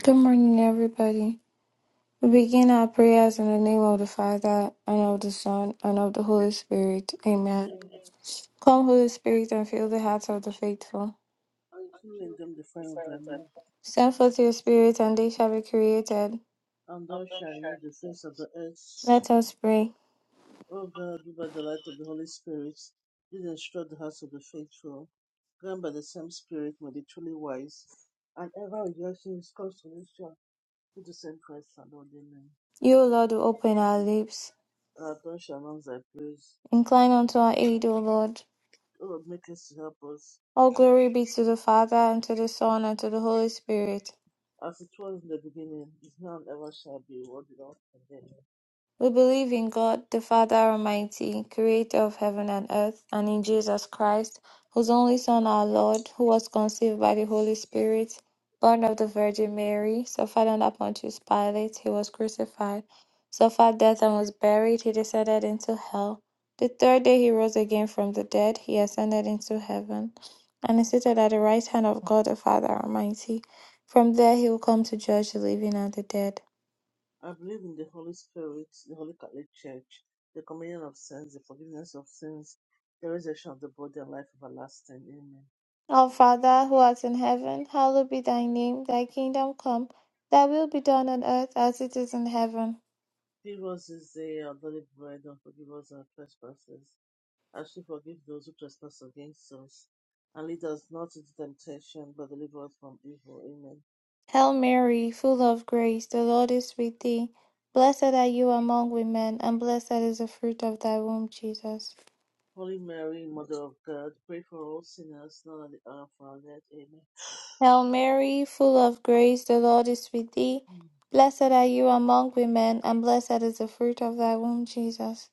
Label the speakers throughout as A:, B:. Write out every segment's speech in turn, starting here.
A: Good morning, everybody. We begin our prayers in the name of the Father, and of the Son, and of the Holy Spirit. Amen. Come, Holy Spirit, and fill the hearts of the faithful.
B: Until in them the fire of thy love,
A: Send forth your Spirit, and they shall be created.
B: and thou shalt renew the face of the earth.
A: Let us pray.
B: O God, who by the light of the Holy Spirit did instruct the hearts of the faithful, grant by the same Spirit may be truly wise, and ever rejoicing his consolation through the same Christ our Lord. Amen.
A: You, O Lord, who open our lips.
B: Our tongue shall announce thy praise.
A: Incline unto our aid, O Lord.
B: O Lord, make haste to help us,
A: All glory be to the Father, and to the Son, and to the Holy Spirit
B: as it was in the beginning, is now and ever shall be, world without end.
A: We believe in God, the Father Almighty, creator of heaven and earth, and in Jesus Christ, whose only Son, our Lord, who was conceived by the Holy Spirit, born of the Virgin Mary, suffered under Pontius Pilate, he was crucified, suffered death and was buried, he descended into hell. The third day he rose again from the dead, he ascended into heaven, and is seated at the right hand of God the Father Almighty. From there he will come to judge the living and the dead.
B: I believe in the Holy Spirit, the Holy Catholic Church, the communion of Saints, the forgiveness of sins, the resurrection of the body, and life everlasting. Amen.
A: Our Father who art in heaven, hallowed be thy name, thy kingdom come, thy will be done on earth as it is in heaven.
B: Give us this day our daily bread, and forgive us our trespasses, as we forgive those who trespass against us. And lead us not into temptation, but deliver us from evil. Amen.
A: Hail Mary, full of grace, the Lord is with thee. Blessed are you among women, and blessed is the fruit of thy womb, Jesus.
B: Holy Mary, Mother of God, pray for all sinners, now and at the hour of our death. Amen.
A: Hail Mary, full of grace, the Lord is with thee. Blessed are you among women, and blessed is the fruit of thy womb, Jesus.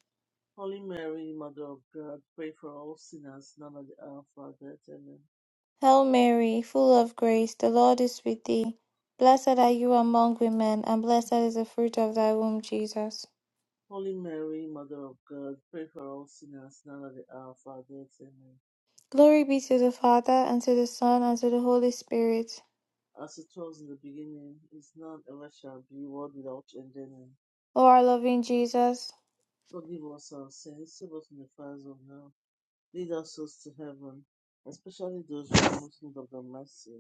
B: Holy Mary, Mother of God, pray for all sinners, now and at the hour of our death. Amen.
A: Hail Mary, full of grace, the Lord is with thee. Blessed are you among women, and blessed is the fruit of thy womb, Jesus.
B: Holy Mary, Mother of God, pray for all sinners now at the hour of our death. Amen.
A: Glory be to the Father, and to the Son, and to the Holy Spirit.
B: As it was in the beginning, is now, and ever shall be, world without end. Amen.
A: O our loving Jesus,
B: Forgive us our sins, save us from the fires of hell. Lead us souls to heaven, especially those who are most in need of the mercy.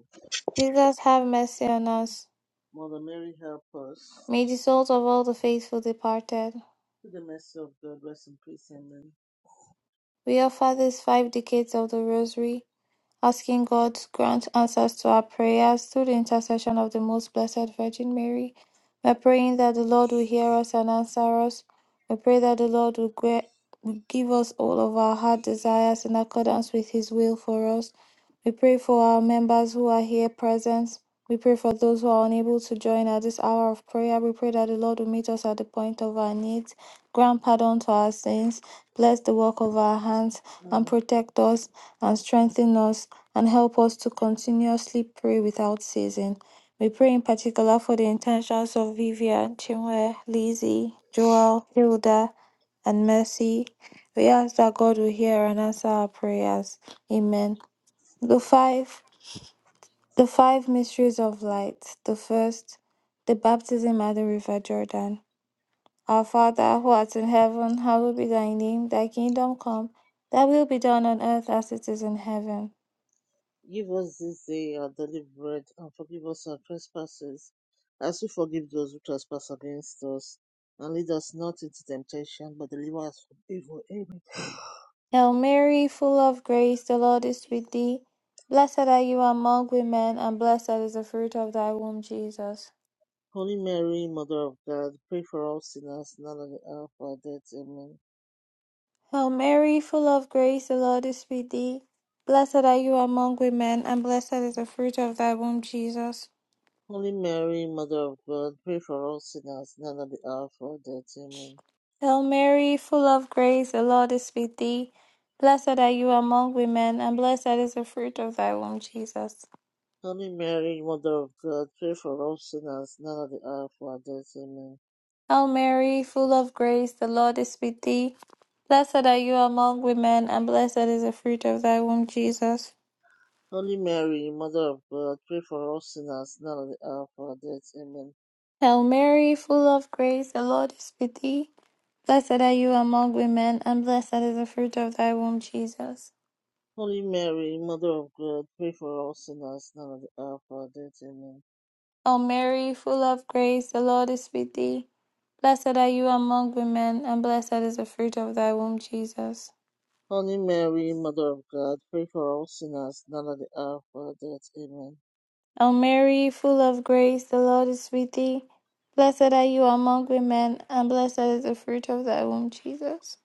A: Jesus, have mercy on us.
B: Mother Mary, help us.
A: May the souls of all the faithful departed.
B: Through the mercy of God, rest in peace. Amen.
A: We offer these five decades of the Rosary Asking God to grant answers to our prayers through the intercession of the Most Blessed Virgin Mary. We're praying that the Lord will hear us and answer us. We pray that the Lord will gra- give us all of our heart desires in accordance with His will for us. We pray for our members who are here present. We pray for those who are unable to join at this hour of prayer. We pray that the Lord will meet us at the point of our needs, grant pardon to our sins, bless the work of our hands,
B: Our
A: and protect us and strengthen us and help us to continuously pray without ceasing. We pray in particular for the intentions of Vivian, Chinwe, Lizzie, Joel, Hilda, and Mercy we ask that God will hear and answer our prayers. Amen. The five the five mysteries of light. The first, the baptism at the river Jordan. Our Father who art in heaven, hallowed be thy name, thy kingdom come, thy will be done on earth as it is in heaven.
B: Give us this day our daily bread, and forgive us our trespasses, as we forgive those who trespass against us. And lead us not into temptation, but deliver us from evil. Amen.
A: Hail Mary, full of grace, the Lord is with thee. Blessed are you among women, and blessed is the fruit of thy womb, Jesus.
B: Holy Mary, Mother of God, pray for us sinners, now and at the hour of our death. Amen.
A: Hail Mary, full of grace, the Lord is with thee. Blessed are you among women, and blessed is the fruit of thy womb, Jesus.
B: Holy Mary, Mother of God, pray for us sinners, now and at the hour of our death. Amen.
A: Hail Mary, full of grace, the Lord is with thee. Blessed are you among women, and blessed is the fruit of thy womb, Jesus.
B: Holy Mary, Mother of God, pray for us sinners, now and at the hour of our death. Amen.
A: Hail Mary, full of grace, the Lord is with thee. Blessed are you among women, and blessed is the fruit of thy womb, Jesus.
B: Holy Mary, Mother of God, pray for us sinners now and at the hour of our death. Amen.
A: Hail Mary, full of grace, the Lord is with thee. Blessed are you among women, and blessed is the fruit of thy womb, Jesus.
B: Holy Mary, Mother of God, pray for us sinners now and at the hour of our death. Amen.
A: O Mary, full of grace, the Lord is with thee. Blessed are you among women, and blessed is the fruit of thy womb, Jesus.
B: Holy Mary, Mother of God, pray for us sinners now and at the hour of our death. Amen.
A: O Mary, full of grace, the Lord is with thee. Blessed are you among women, and blessed is the fruit of thy womb, Jesus.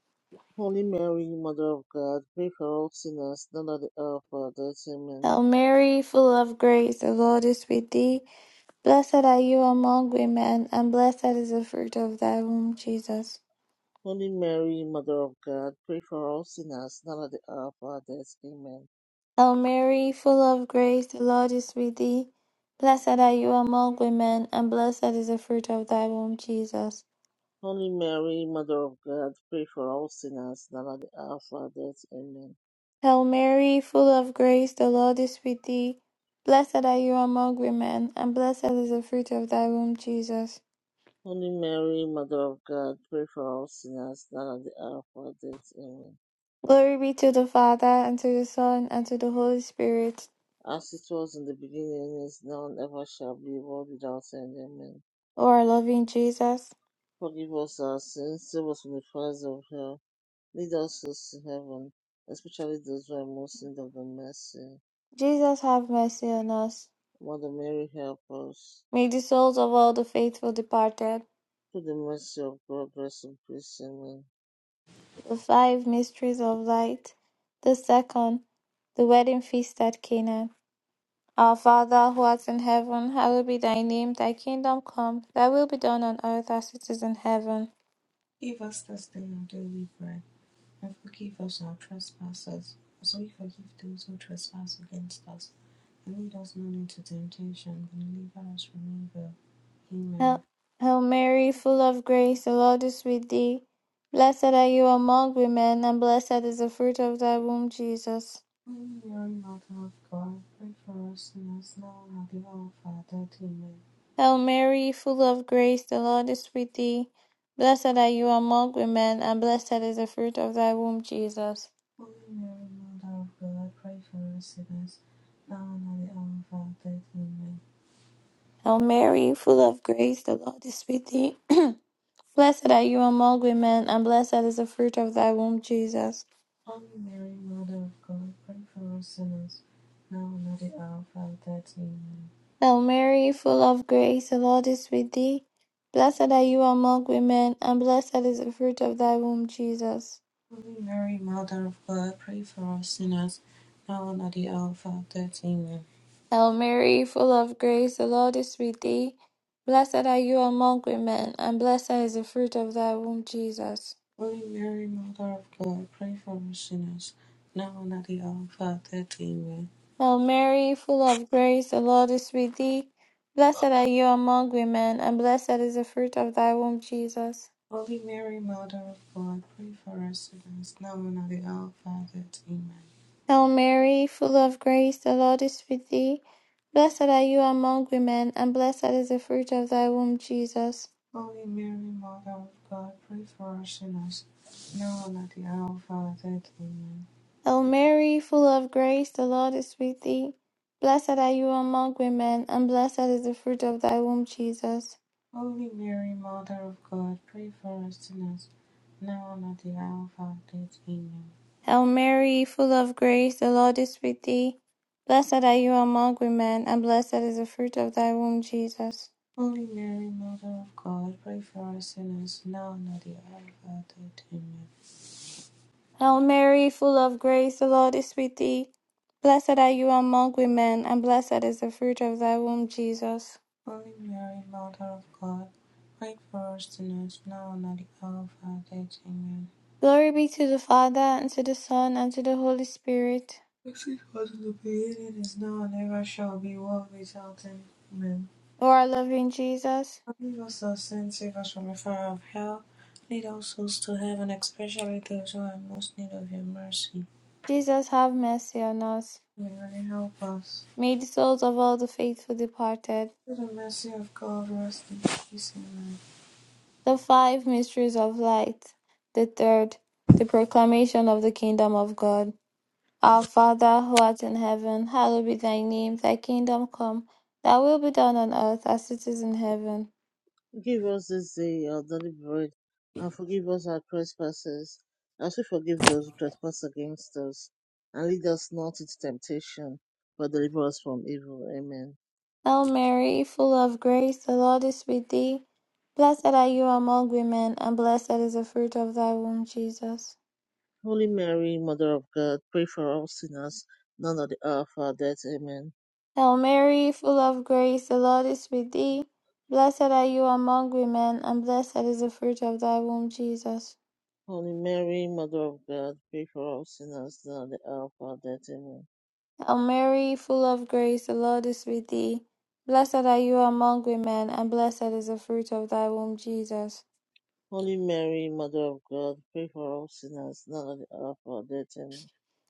B: Holy Mary, Mother of God, pray for us sinners now and at the hour of our death. Amen.
A: Hail Mary, full of grace, the Lord is with thee. Blessed are you among women, and blessed is the fruit of thy womb, Jesus.
B: Holy Mary, Mother of God, pray for us sinners now and at the hour of our death. Amen.
A: Hail Mary, full of grace, the Lord is with thee. Blessed are you among women, and blessed is the fruit of thy womb, Jesus.
B: Holy Mary, Mother of God, pray for all sinners now and at the hour of our death. Amen.
A: Hail Mary, full of grace, the Lord is with thee. Blessed are you among women, and blessed is the fruit of thy womb, Jesus.
B: Holy Mary, Mother of God, pray for all sinners now and at the hour of our death. Amen.
A: Glory be to the Father, and to the Son, and to the Holy Spirit,
B: As it was in the beginning, is now, and ever shall be, world without end. Amen.
A: O our loving Jesus.
B: Forgive us our sins, save us from the fires of hell, lead us to heaven, especially those who are most in need of the mercy.
A: Jesus, have mercy on us.
B: Mother Mary, help us.
A: May the souls of all the faithful departed,
B: Through the mercy of God, rest in peace. Amen.
A: the five mysteries of light. The second, the wedding feast at Cana. Our Father who art in heaven, hallowed be thy name, thy kingdom come, thy will be done on earth as it is in heaven.
C: Give us this day our daily bread, and forgive us our trespasses, as we forgive those who trespass against us. And lead us not into temptation, but deliver us from evil. Amen.
A: Hail, Hail Mary, full of grace, the Lord is with thee. Blessed are you among women, and blessed is the fruit of thy womb, Jesus.
C: Holy Mary, Mother of God, pray for us sinners now and at the hour of our death. Amen.
A: Hail Mary, full of grace, the Lord is with thee. Blessed are you among women, and blessed is the fruit of thy womb, Jesus.
C: Holy Mary, Mother of God, pray for us sinners now and at the hour of our death. Amen.
A: Hail Mary, full of grace, the Lord is with thee. Blessed are you among women, and blessed is the fruit of thy womb, Jesus.
C: Holy Mary, Mother of God, pray for us sinners now and at the hour of our death. Amen.
A: Hail Mary, full of grace, the Lord is with thee. Blessed are you among women, and blessed is the fruit of thy womb, Jesus.
C: Holy Mary, Mother of God, pray for us sinners, now and at the hour of our death. Amen.
A: Hail Mary, full of grace, the Lord is with thee. Blessed are you among women, and blessed is the fruit of thy womb, Jesus.
C: Holy Mary, Mother of God, pray for us sinners, now and at the hour of our death. Amen.
A: Hail Mary, full of grace, the Lord is with thee. Blessed are you among women, and blessed is the fruit of thy womb, Jesus.
C: Holy Mary, Mother of God, pray for us sinners, now and at the hour of our death. Amen.
A: Hail Mary, full of grace, the Lord is with thee. Blessed are you among women, and blessed is the fruit of thy womb, Jesus.
C: Holy Mary, Mother of God, pray for us sinners, now and at the hour of our death. Amen.
A: Hail Mary, full of grace, the Lord is with thee. Blessed are you among women, and blessed is the fruit of thy womb, Jesus.
C: Holy Mary, Mother of God, pray for us sinners, now and at the hour of our death. Amen.
A: Hail Mary, full of grace, the Lord is with thee. Blessed are you among women, and blessed is the fruit of thy womb, Jesus.
C: Holy Mary, Mother of God, pray for us sinners now and at the hour of our death. Amen.
A: Hail Mary, full of grace, the Lord is with thee. Blessed are you among women, and blessed is the fruit of thy womb, Jesus.
C: Holy Mary, Mother of God, pray for us sinners now and at the hour of our death. Amen.
A: Glory be to the Father, and to the Son, and to the Holy Spirit.
C: As it was in the beginning, is now, and ever shall be, world without end. Amen.
A: O our loving Jesus,
C: Forgive us our sins, save us from the fire of hell. Lead all souls to heaven, especially those who are in most need of your mercy.
A: Jesus, have mercy on us.
C: May God help us.
A: May the souls of all the faithful departed
C: Through the mercy of God, rest in peace. Amen.
A: The five mysteries of light. The third, the proclamation of the kingdom of God. Our Father who art in heaven, hallowed be thy name, thy kingdom come, thy will be done on earth as it is in heaven.
B: Give us this day our daily bread, and forgive us our trespasses, as we forgive those who trespass against us. And lead us not into temptation, but deliver us from evil. Amen.
A: Hail Mary, full of grace, the Lord is with thee. Blessed are you among women, and blessed is the fruit of thy womb, Jesus.
B: Holy Mary, Mother of God, pray for us sinners, now and at the hour of our death. Amen.
A: Hail Mary, full of grace, the Lord is with thee. Blessed are you among women, and blessed is the fruit of thy womb, Jesus.
B: Holy Mary, Mother of God, pray for us sinners, now and at the hour of our death. Amen.
A: Hail Mary, full of grace, the Lord is with thee. Blessed are you among women, and blessed is the fruit of thy womb, Jesus.
B: Holy Mary, Mother of God, pray for us sinners, now and at the hour of our death. Amen.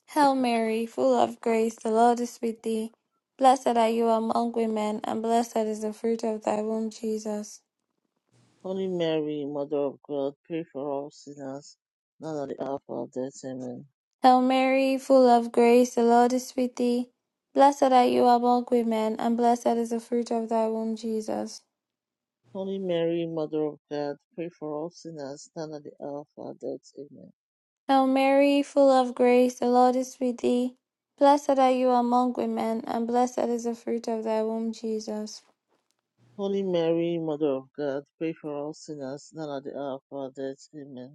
A: Hail Mary, full of grace, the Lord is with thee. Blessed are you among women, and blessed is the fruit of thy womb, Jesus.
B: Holy Mary, Mother of God, pray for us sinners, now and at the hour of our death. Amen.
A: Hail Mary, full of grace, the Lord is with thee. Blessed are you among women, and blessed is the fruit of thy womb, Jesus.
B: Holy Mary, Mother of God, pray for us sinners, now and at the hour of our death. Amen.
A: Hail Mary, full of grace, the Lord is with thee. Blessed are you among women, and blessed is the fruit of thy womb, Jesus.
B: Holy Mary, Mother of God, pray for us sinners, now and at the hour of our death. Amen.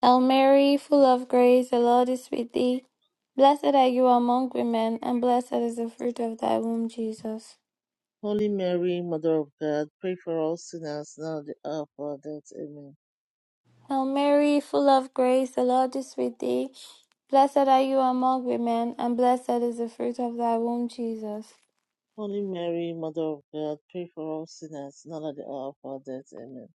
A: Hail Mary, full of grace, the Lord is with thee. Blessed are you among women, and blessed is the fruit of thy womb, Jesus.
B: Holy Mary, Mother of God, pray for us sinners, now and at the hour of our death. Amen.
A: Hail Mary, full of grace, the Lord is with thee. Blessed are you among women, and blessed is the fruit of thy womb, Jesus.
B: Holy Mary, Mother of God, pray for us sinners, now at the hour of our death. Amen.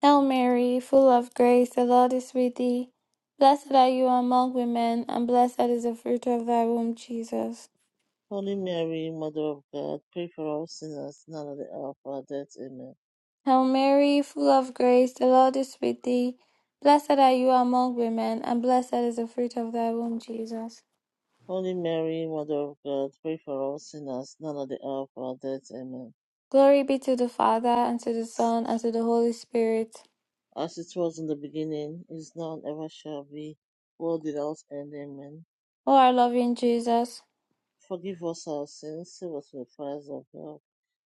A: Hail Mary, full of grace, the Lord is with thee. Blessed are you among women, and blessed is the fruit of thy womb, Jesus.
B: Holy Mary, Mother of God, pray for us sinners now at the hour of our death. Amen.
A: Hail Mary, full of grace, the Lord is with thee. Blessed are you among women, and blessed is the fruit of thy womb, Jesus.
B: Holy Mary, Mother of God, pray for us sinners now at the hour of our death. Amen.
A: Glory be to the Father, and to the Son, and to the Holy Spirit.
B: As it was in the beginning, is now, and ever shall be, world without end. Amen.
A: O our loving Jesus,
B: Forgive us our sins, save us from the fires of hell.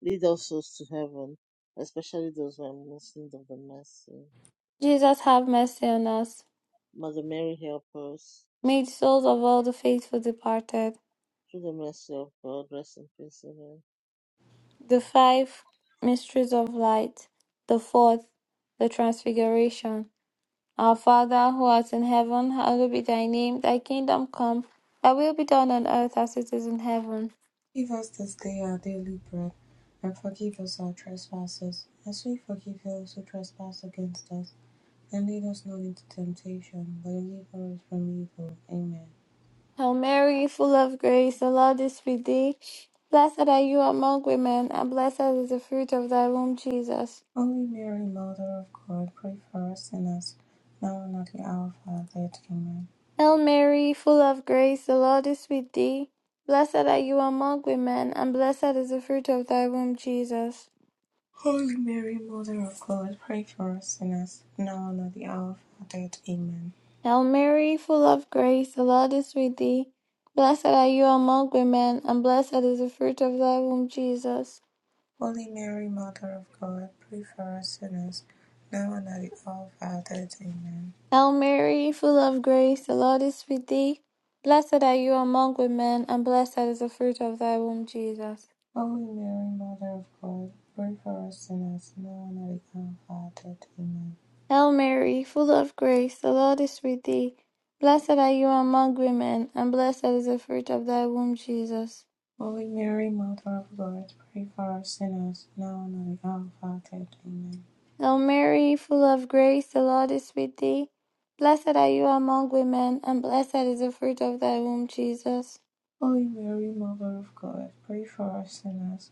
B: Lead our souls to heaven, especially those who are most in need of the mercy.
A: Jesus, have mercy on us.
B: Mother Mary, help us.
A: May the souls of all the faithful departed
B: Through the mercy of God, rest in peace. Amen.
A: The five mysteries of light. The fourth, the transfiguration. Our Father who art in heaven, hallowed be thy name. Thy kingdom come. Thy will be done on earth as it is in heaven.
C: Give us this day our daily bread, and forgive us our trespasses, as we forgive those who trespass against us. And lead us not into temptation, but deliver us from evil. Amen.
A: Hail Mary, full of grace, the Lord is with thee. Blessed are you among women, and blessed is the fruit of thy womb, Jesus.
C: Holy Mary, Mother of God, pray for us sinners, now and at the hour of our death. Amen.
A: Hail Mary, full of grace, the Lord is with thee. Blessed are you among women, and blessed is the fruit of thy womb, Jesus.
C: Holy Mary, Mother of God, pray for us sinners, now and at the hour of our death. Amen.
A: Hail Mary, full of grace, the Lord is with thee. Blessed are you among women, and blessed is the fruit of thy womb, Jesus.
C: Holy Mary, Mother of God, pray for us sinners, now and at the hour of our death. Amen.
A: Hail Mary, full of grace, the Lord is with thee. Blessed are you among women, and blessed is the fruit of thy womb, Jesus.
C: Holy Mary, Mother of God, pray for us sinners now and at the hour of our death. Amen.
A: Hail Mary, full of grace, the Lord is with thee. Blessed are you among women, and blessed is the fruit of thy womb, Jesus.
C: Holy Mary, Mother of God, pray for us sinners now and at the hour of our death. Amen.
A: Hail Mary, full of grace, the Lord is with thee. Blessed are you among women, and blessed is the fruit of thy womb, Jesus.
C: Holy Mary, Mother of God, pray for us sinners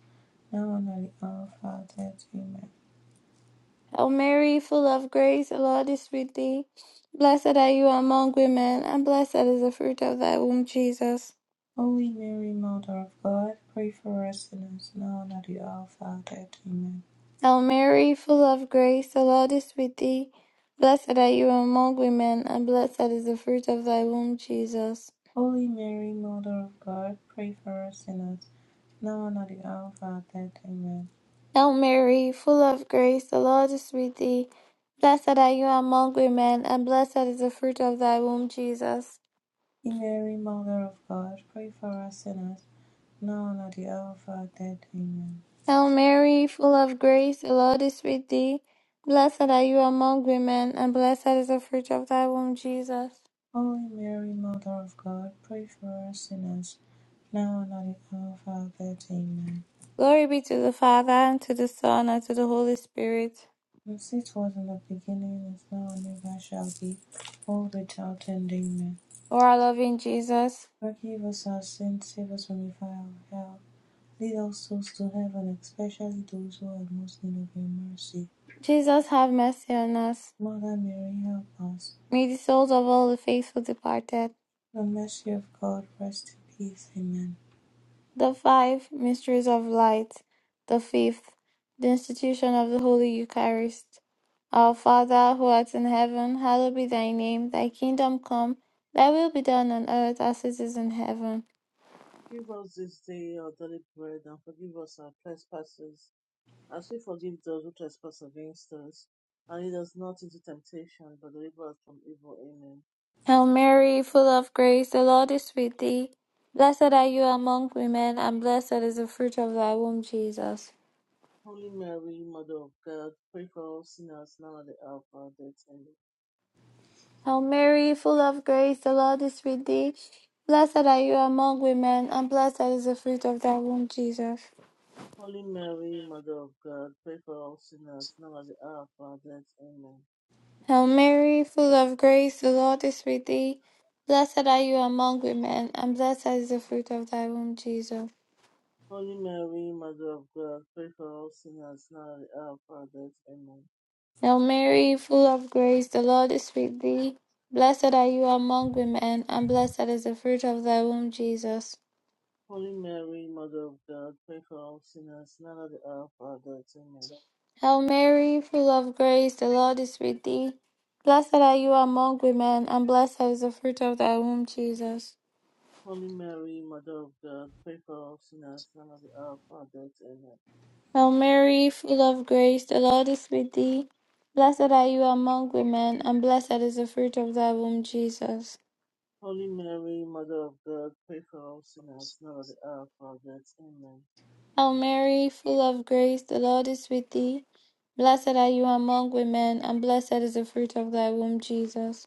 C: now and at the hour of our death. Amen.
A: Hail Mary, full of grace, the Lord is with thee. Blessed are you among women, and blessed is the fruit of thy womb, Jesus.
C: Holy Mary, Mother of God, pray for us sinners now and at the hour of our death. Amen.
A: Hail Mary, full of grace, the Lord is with thee. Blessed are you among women, and blessed is the fruit of thy womb, Jesus.
C: Holy Mary, Mother of God, pray for us sinners now and at the hour of our death. Amen.
A: Hail Mary, full of grace, the Lord is with thee. Blessed are you among women, and blessed is the fruit of thy womb, Jesus.
C: Holy Mary, Mother of God, pray for us sinners, now and at the hour of our death. Amen.
A: Hail Mary, full of grace, the Lord is with thee. Blessed are you among women, and blessed is the fruit of thy womb, Jesus.
C: Holy Mary, Mother of God, pray for us sinners, now and at the hour of our death. Amen.
A: Glory be to the Father, and to the Son, and to the Holy Spirit.
C: As it was in the beginning, is now, and ever shall be, world without end. Amen.
A: O our loving Jesus,
C: Forgive us our sins, save us from the fire of hell. Lead all souls to heaven, especially those who are most in need of your mercy.
A: Jesus, have mercy on us.
C: Mother Mary, help us.
A: May the souls of all the faithful departed,
C: The mercy of God, rest in peace. Amen.
A: the five mysteries of light, the fifth, the institution of the Holy Eucharist. Our Father, who art in heaven, hallowed be thy name, thy kingdom come, thy will be done on earth as it is in heaven.
B: Give us this day our daily bread, and forgive us our trespasses, as we forgive those who trespass against us. And lead us not into temptation, but deliver us from evil. Amen.
A: Hail Mary, full of grace, the Lord is with thee. Blessed are you among women, and blessed is the fruit of thy womb, Jesus.
B: Holy Mary, Mother of God, pray for all sinners now at the hour of our death. Amen.
A: Hail Mary, full of grace, the Lord is with thee. Blessed are you among women, and blessed is the fruit of thy womb, Jesus.
B: Holy Mary, Mother of God, pray for all sinners now at the hour of our death. Amen.
A: Hail Mary, full of grace, the Lord is with thee. Blessed are you among women, and blessed is the fruit of thy womb, Jesus.
B: Holy Mary, Mother of God, pray for all sinners now at the hour of our death. Amen.
A: Hail Mary, full of grace, the Lord is with thee. Blessed are you among women, and blessed is the fruit of thy womb, Jesus.
B: Holy Mary, Mother of God, pray for all sinners, now at the hour of our death. Amen.
A: Hail Mary, full of grace, the Lord is with thee. Blessed are you among women, and blessed is the fruit of thy womb, Jesus.
B: Holy Mary, Mother of God, pray for all sinners, now at the hour of our death. Amen.
A: Hail Mary, full of grace, the Lord is with thee. Blessed are you among women, and blessed is the fruit of thy womb, Jesus.
B: Holy Mary, Mother of God, pray for all sinners, now at the hour of our death. Amen.
A: Hail Mary, full of grace, the Lord is with thee. Blessed are you among women, and blessed is the fruit of thy womb, Jesus.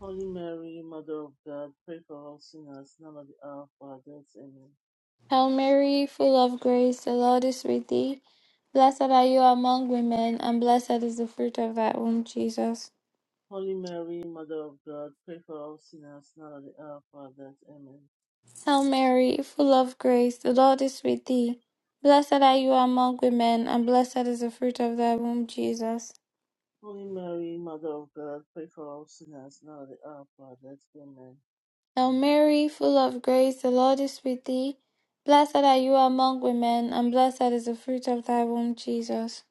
B: Holy Mary, Mother of God, pray for all sinners, now at the hour of our death. Amen.
A: Hail Mary, full of grace, the Lord is with thee. Blessed are you among women, and blessed is the fruit of thy womb, Jesus.
B: Holy Mary, Mother of God, pray for all sinners, now at the hour of our death. Amen.
A: Hail Mary, full of grace, the Lord is with thee. Blessed are you among women, and blessed is the fruit of thy womb, Jesus.
B: Holy Mary, Mother of God, pray for all sinners, now at the hour of our death. Amen.
A: Hail Mary, full of grace, the Lord is with thee. Blessed are you among women, and blessed is the fruit of thy womb, Jesus.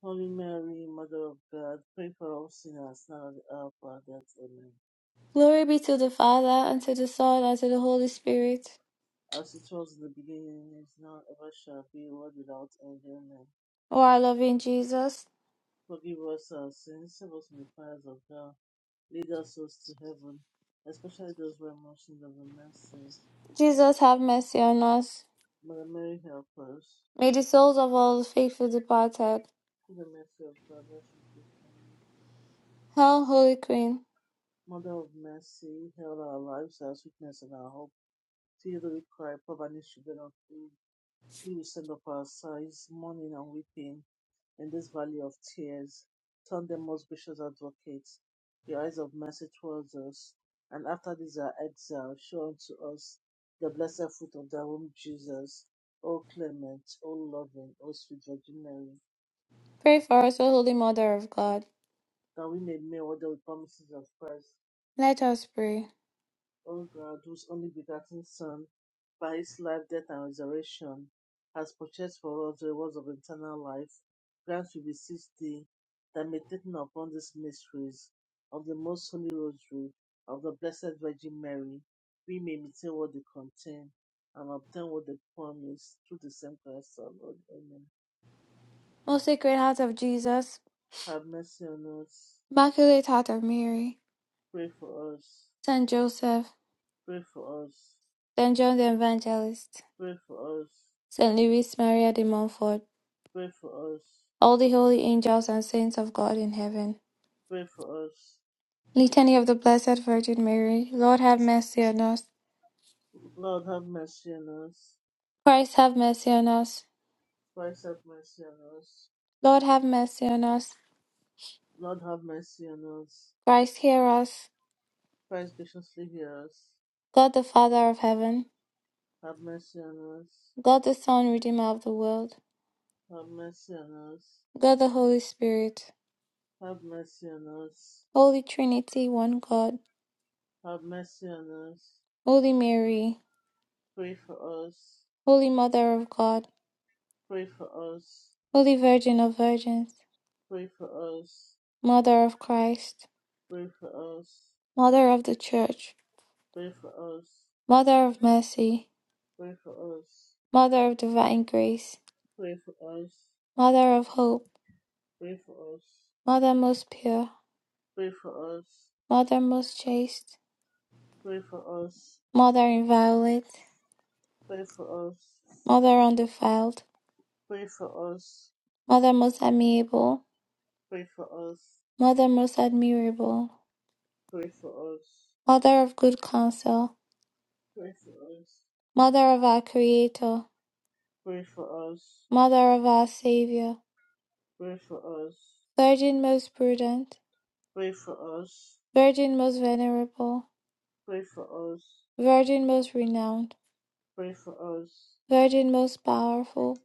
B: Holy Mary, Mother of God, pray for us sinners now and at the hour of our death. Amen.
A: Glory be to the Father, and to the Son, and to the Holy Spirit.
B: As it was in the beginning, is now, ever shall be, world without end. Amen.
A: O our loving Jesus,
B: Forgive us our sins, save us from the fires of hell, lead us souls to heaven, especially those who are most in need of the mercy.
A: Jesus, have mercy on us.
B: Mother Mary, help us.
A: May the souls of all the faithful departed,
B: Through the mercy of God, rest in peace. Amen.
A: Hail, Holy Queen,
B: Mother of mercy, held our lives, our sweetness, and our hope. To you do we cry, poor banished children of Eve. He will send up our sighs, mourning and weeping in this valley of tears. Turn them, most gracious advocate, your eyes of mercy towards us, and after this our exile, show unto us the blessed fruit of thy womb, Jesus. O clement, O loving, O sweet Virgin Mary,
A: pray for us, O Holy Mother of God.
B: that we may make all the promises of Christ
A: Let us pray.
B: O God, whose only begotten Son, by his life, death, and resurrection, has purchased for us the rewards of eternal life, grant we beseech thee that meditating upon these mysteries of the most holy rosary of the Blessed Virgin Mary, we may obtain what they contain and obtain what they promise through the same Christ our Lord. Amen.
A: Most Sacred Heart of Jesus,
B: Have mercy on us.
A: Immaculate Heart of Mary,
B: Pray for us.
A: Saint Joseph,
B: Pray for us.
A: Saint John the Evangelist,
B: Pray for us.
A: Saint Louis Maria de Montfort,
B: Pray for us.
A: all the holy angels and saints of God in heaven.
B: Pray for us.
A: Litany of the Blessed Virgin Mary, Lord have mercy on us.
B: Lord have mercy on us.
A: Christ have mercy on us.
B: Christ have mercy on us.
A: Lord have mercy on us.
B: Lord have mercy on us.
A: Christ hear us.
B: Christ graciously hear us.
A: God the Father of heaven,
B: Have mercy on us.
A: God the Son, Redeemer of the world,
B: Have mercy on us.
A: God the Holy Spirit,
B: Have mercy on us.
A: Holy Trinity, one God,
B: Have mercy on us.
A: Holy Mary.
B: Pray for us.
A: Holy Mother of God,
B: Pray for us.
A: Holy Virgin of Virgins,
B: Pray for us.
A: Mother of Christ,
B: Pray for us.
A: Mother of the Church,
B: Pray for us.
A: Mother of Mercy,
B: Pray for us.
A: Mother of Divine Grace,
B: Pray for us.
A: Mother of Hope,
B: Pray for us.
A: Mother most pure,
B: Pray for us.
A: Mother most chaste,
B: Pray for us.
A: Mother inviolate,
B: Pray for us.
A: Mother undefiled,
B: Pray for us.
A: Mother most amiable,
B: Pray for us.
A: Mother most admirable,
B: Pray for us.
A: Mother of good counsel,
B: Pray for us.
A: Mother of our Creator,
B: Pray for us.
A: Mother of our Saviour,
B: Pray for us.
A: Virgin most prudent,
B: Pray for us.
A: Virgin most venerable,
B: Pray for us.
A: Virgin most renowned,
B: Pray for us.
A: Virgin most powerful,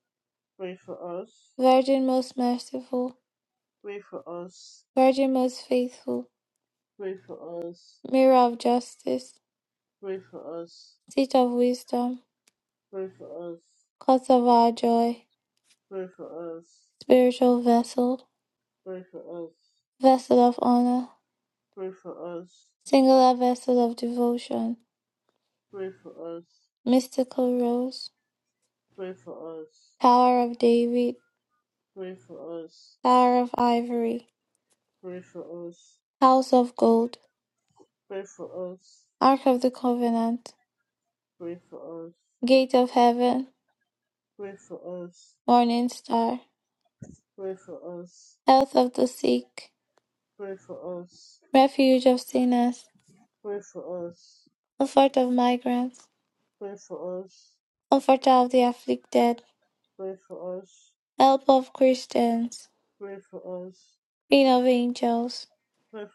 A: Virgin most merciful,
B: Pray for us.
A: Virgin most faithful,
B: Pray for us.
A: Mirror of justice,
B: Pray for us.
A: Seat of wisdom,
B: Pray for us. Pray for us.
A: Cause of our joy,
B: Pray for us.
A: Spiritual vessel,
B: Pray for us.
A: Vessel of honor,
B: Pray for us.
A: Singular vessel of devotion, Mystical rose,
B: Pray for us. Pray for us.
A: Tower of David,
B: Pray for us.
A: Tower of ivory,
B: Pray for us.
A: House of gold,
B: Pray for us.
A: Ark of the covenant,
B: Pray for us.
A: Gate of heaven,
B: Pray for us.
A: Morning star,
B: Pray for us.
A: Health of the sick,
B: Pray for us.
A: Refuge of sinners
B: Pray for us.
A: comfort of migrants,
B: Pray for us.
A: comfort of the afflicted,
B: Pray for us.
A: help of Christians,
B: Pray for us.
A: Queen of angels,
B: Pray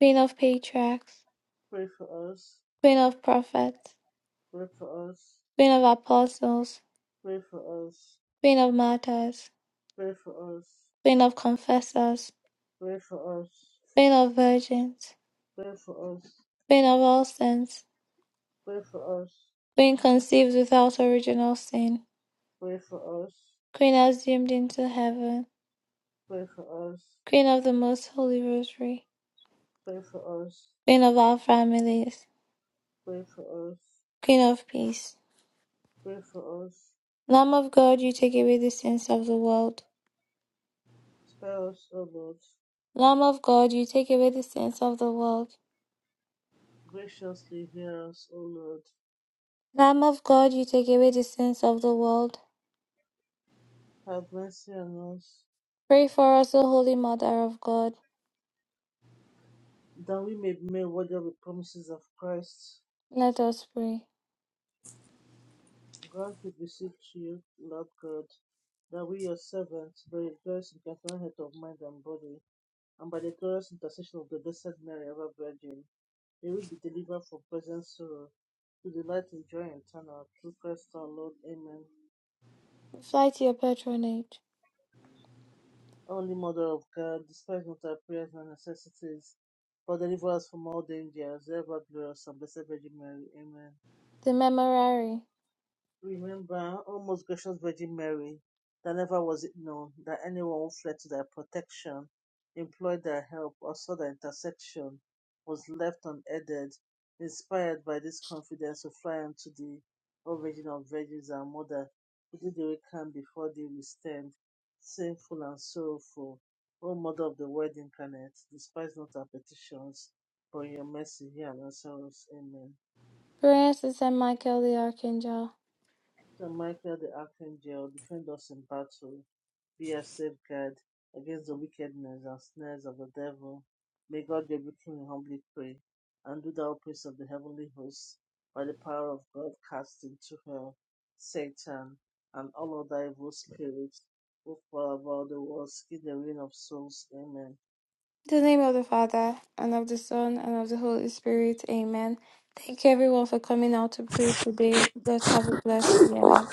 A: Queen of patriarchs,
B: for us.
A: Queen of prophets,
B: Pray for us.
A: Queen of apostles,
B: Pray for us.
A: Queen of martyrs,
B: Pray for us.
A: Queen of confessors,
B: Pray for us.
A: Queen of virgins,
B: Pray for us.
A: Queen of all saints,
B: Pray for us. Pray for us.
A: Queen conceived without original sin,
B: Pray for us.
A: Queen assumed into heaven,
B: Pray for us.
A: Queen of the most holy rosary,
B: Pray for us.
A: Queen of our families,
B: Pray for us.
A: Queen of peace.
B: Pray for us.
A: Lamb of God, you take away the sins of the world.
B: Spare us, O Lord.
A: Lamb of God, you take away the sins of the world.
B: Graciously hear us, O Lord.
A: Lamb of God, you take away the sins of the world.
B: Have mercy on us,
A: Pray for us, O Holy Mother of God.
B: that we may be made worthy of the promises of Christ.
A: Let us pray.
B: Grant, we beseech you, Lord God, that we, your servants, by the glorious incarnate health of mind and body, and by the glorious intercession of the Blessed Mary, ever Virgin, may we be delivered from present sorrow, to delight in joy eternal. Through Christ our Lord. Amen.
A: We Fly to your patronage.
B: Only Mother of God, despite not our prayers and necessities, but deliver us from all danger. Serve our glorious and blessed Virgin Mary. Amen.
A: The Memorare.
B: Remember, O most gracious Virgin Mary, that never was it known that anyone who fled to thy protection, implored thy help, or sought thy intercession was left unaided, inspired by this confidence to fly unto thee, O Virgin of Virgins and Mother, who thee we come before thee we stand, sinful and sorrowful. O Mother of the Word incarnate, despise not our petitions, but in your mercy hear and answer us. Amen.
A: Prayers to Saint Michael the Archangel.
B: Saint Michael the Archangel, defend us in battle be a safeguard against the wickedness and snares of the devil. May God rebuke him, we humbly pray, and do thou praise of the heavenly hosts, by the power of God, cast into hell Satan and all other evil spirits who prowl about the world, seeking the ruin of souls. Amen.
A: In the name of the Father, and of the Son, and of the Holy Spirit. Amen. Thank you everyone for coming out to pray today. Let's have a blessed day ahead.